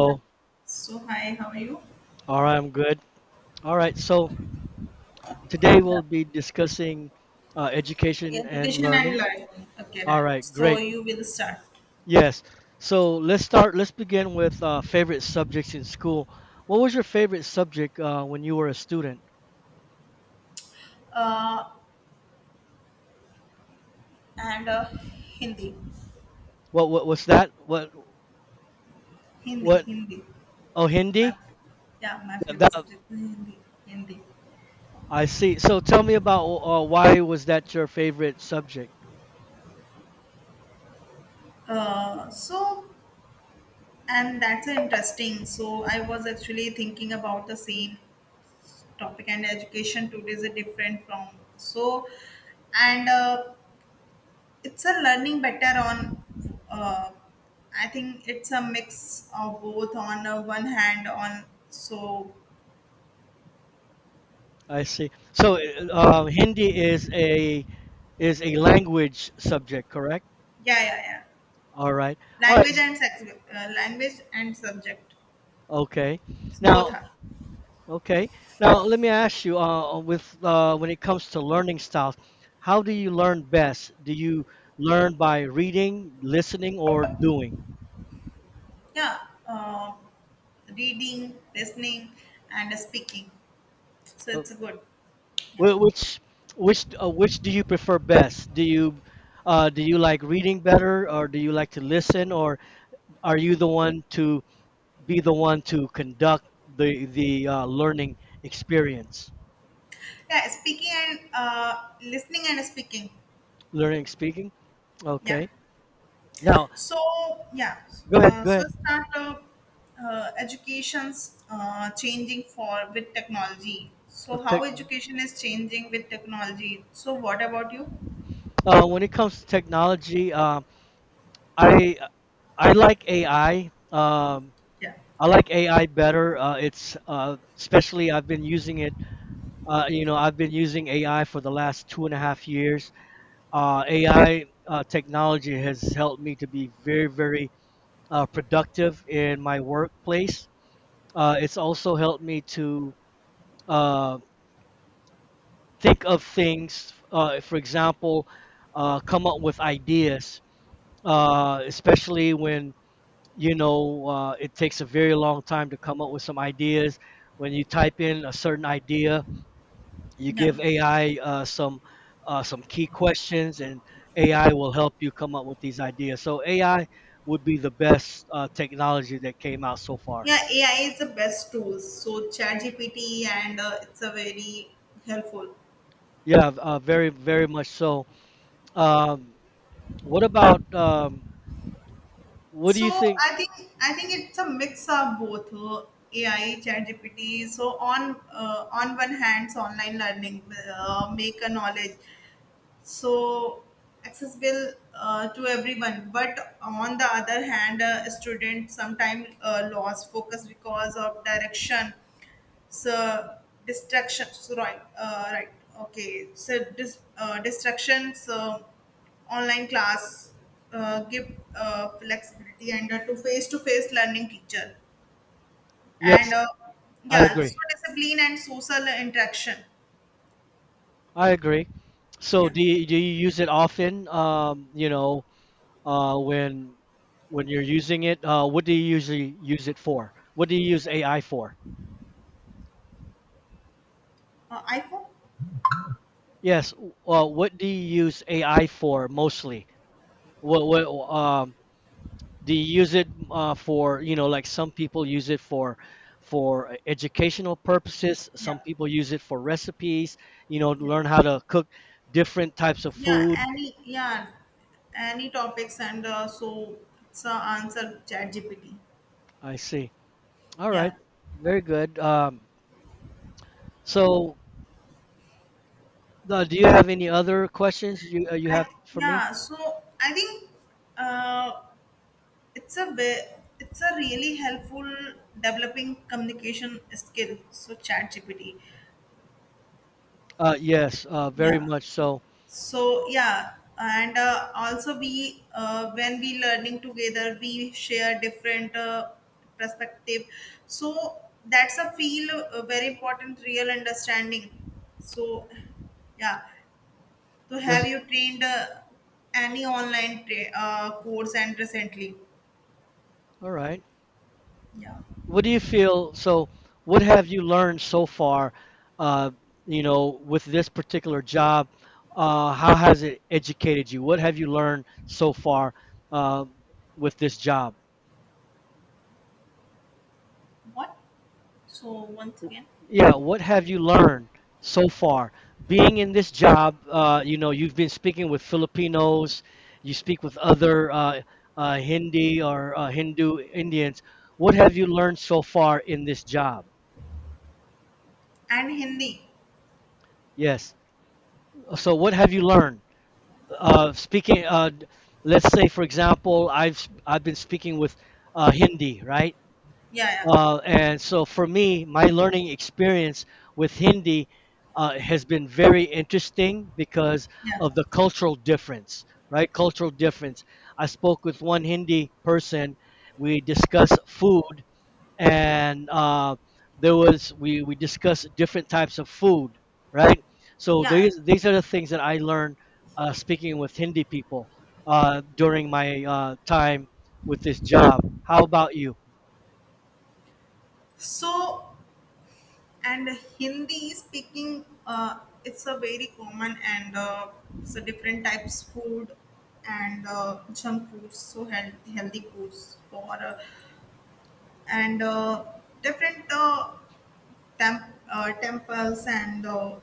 Yeah. So hi, how are you? All right, I'm good. All right, so today we'll be discussing Yeah. education and Education and learning. learning. Okay, All right. right, So great. you will start. Yes. So let's start. Let's begin with favorite subjects in school. What was your favorite subject when you were a student? Uh, and Hindi, What was that? What what? Hindi. Oh, My, Hindi. yeah, my That, favorite that- subject is Hindi, Hindi. I see. So tell me about why was that your favorite subject? So and that's interesting. So I was actually thinking about the same topic, and education today is different from so and. It's a learning better on. Uh, I think it's a mix of both. On one hand, on so I see. So Hindi is a language subject, correct? yeah, yeah, yeah. All right. All right. Language and sex, language and subject, Okay. both Now, are. okay. Now, let me ask you, with when it comes to learning styles, how do you learn best? Do you learn by reading, listening, or doing? Yeah, uh, reading, listening, and speaking. So Uh, it's good. Yeah, wh- which which which do you prefer best? Do you like reading better, or do you like to listen, or are you the one to be the one to conduct the the learning experience? yeah. Speaking and listening and speaking. Learning speaking? Yeah. Okay. Now, So yeah, go ahead. Go ahead. so startup education's changing for with technology. So Of tech. how education is changing with technology. So what about you? When it comes to technology, I I like AI. Yeah, I like AI better. It's especially I've been using it. You know, I've been using AI for the last two and a half years. AI technology has helped me to be very, very productive in my workplace. It's also helped me to uh, think of things. For example, come up with ideas. Especially when you know it takes a very long time to come up with some ideas. When you type in a certain idea, you yeah, give AI some key questions, and AI will help you come up with these ideas. So AI would be the best technology that came out so far. yeah. AI is the best tool. So ChatGPT, and it's a very helpful. Yeah, very very much so. Um, what about what do you So think? I think I think it's a mix of both, AI, ChatGPT. So on one hand, so online learning make a knowledge so accessible to everyone, but on the other hand, students sometimes lose focus because of direction, so distractions, right? Distractions, online class give flexibility, and to face-to-face learning teacher, Yes, and I yeah, so agree. discipline and social interaction. I agree. So Yeah. Do you use it often? You know, uh, when when you're using it. What do you usually use it for? What do you use AI for? iPhone. Yes. What do you use AI for mostly? What do you use it for? You know, like some people use it for for educational purposes. Some Yeah, people use it for recipes. You know, yeah. learn how to cook different types of Yeah, food. any any topics, and so it's answer chat GPT. I see. All right. Yeah, Very good. So, do you have any other questions you you I have for me? yeah. So I think uh, it's a ve- it's a really helpful developing communication skill. So chat GPT. Yes, very Yeah, much so. so yeah, and also we, when we learning together, we share different perspective, so that's a feel very important real understanding. so yeah. So have This, you trained, any online course and recently? all right. Yeah. What do you feel? So, what have you learned so far? Uh, you know, with this particular job, how has it educated you? What have you learned so far uh, with this job? What? So once again. Yeah, what have you learned so far being in this job. You know, you've been speaking with Filipinos, you speak with other Hindi or Hindu Indians. What have you learned so far in this job? And Hindi. Yes. So what have you learned speaking let's say for example I've been speaking with Hindi, right? Yeah, yeah, And so for me, my learning experience with Hindi has been very interesting because yeah, of the cultural difference, right? Cultural difference. I spoke with one Hindi person. We discussed food, and there was we discussed different types of food, right? So yeah. these are the things that I learned speaking with Hindi people during my time with this job. How about you? so and Hindi speaking, it's a very common, and different types food, and junk foods, so healthy, healthy foods for, and different, temples, and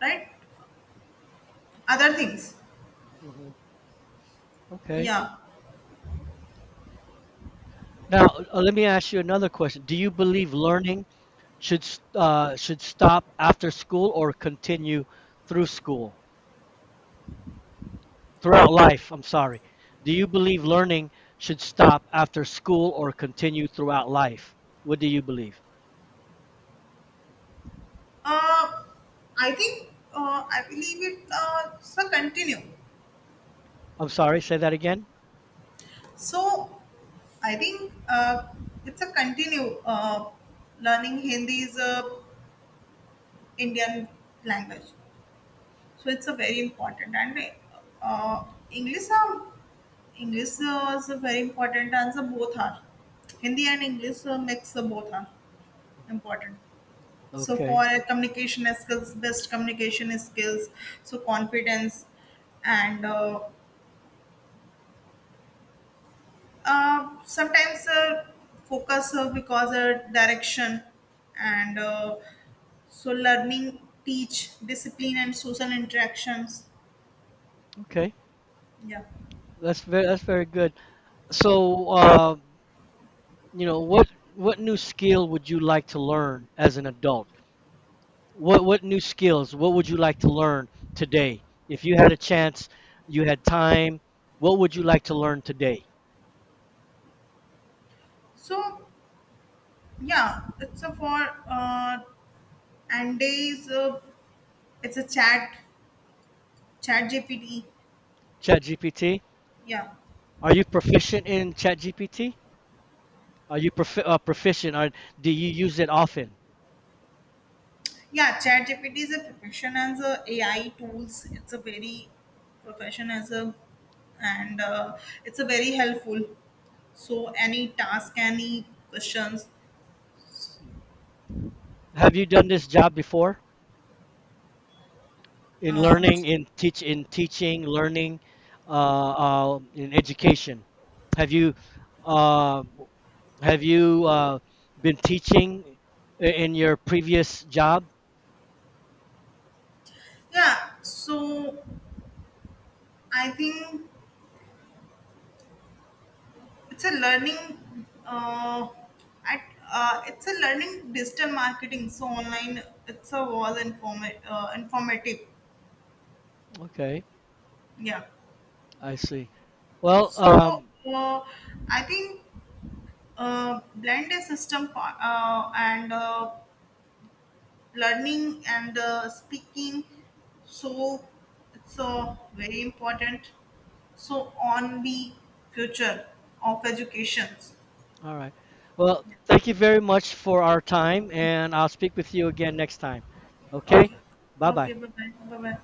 right, other things. Hmm. Okay. Yeah, Now, let me ask you another question. Do you believe learning should stop after school or continue through school, throughout life? I'm sorry. Do you believe learning should stop after school or continue throughout life? What do you believe? uh, I think, I believe it. It's a continue. I'm sorry, say that again. So I think it's a continue. Learning Hindi is a Indian language. So it's a very important, and uh, English are English is a very important, and so both are Hindi and English mix both are important. So for Okay, communication skills, best communication skills, so confidence, and sometimes focus because direction, and learning teach discipline and social interactions. okay, Yeah. that's very good. So, you know, what new skill would you like to learn as an adult? What new skills? What would you like to learn today? If you had a chance, you had time, what would you like to learn today? so Yeah, it's a for and days. It's a chat GPT. ChatGPT? Yeah, Are you proficient in ChatGPT? Are you proficient? Are, do you use it often? yeah, chat GPT is a profession as a AI tools. It's a very profession as a, and it's a very helpful. So any task, any questions. Have you done this job before in Uh, learning, in in teaching, learning, uh, in education? Have you uh, have you been teaching in your previous job? yeah, so I think it's a learning, uh, at, it's a learning digital marketing, so online it's a was informative. Okay. Yeah. I see. Well, so uh, I think, blend a system and learning and speaking, so it's very important, so on the future of education. all right. Well, thank you very much for our time, and I'll speak with you again next time. Okay? Okay. Bye Okay, bye. bye bye, bye bye.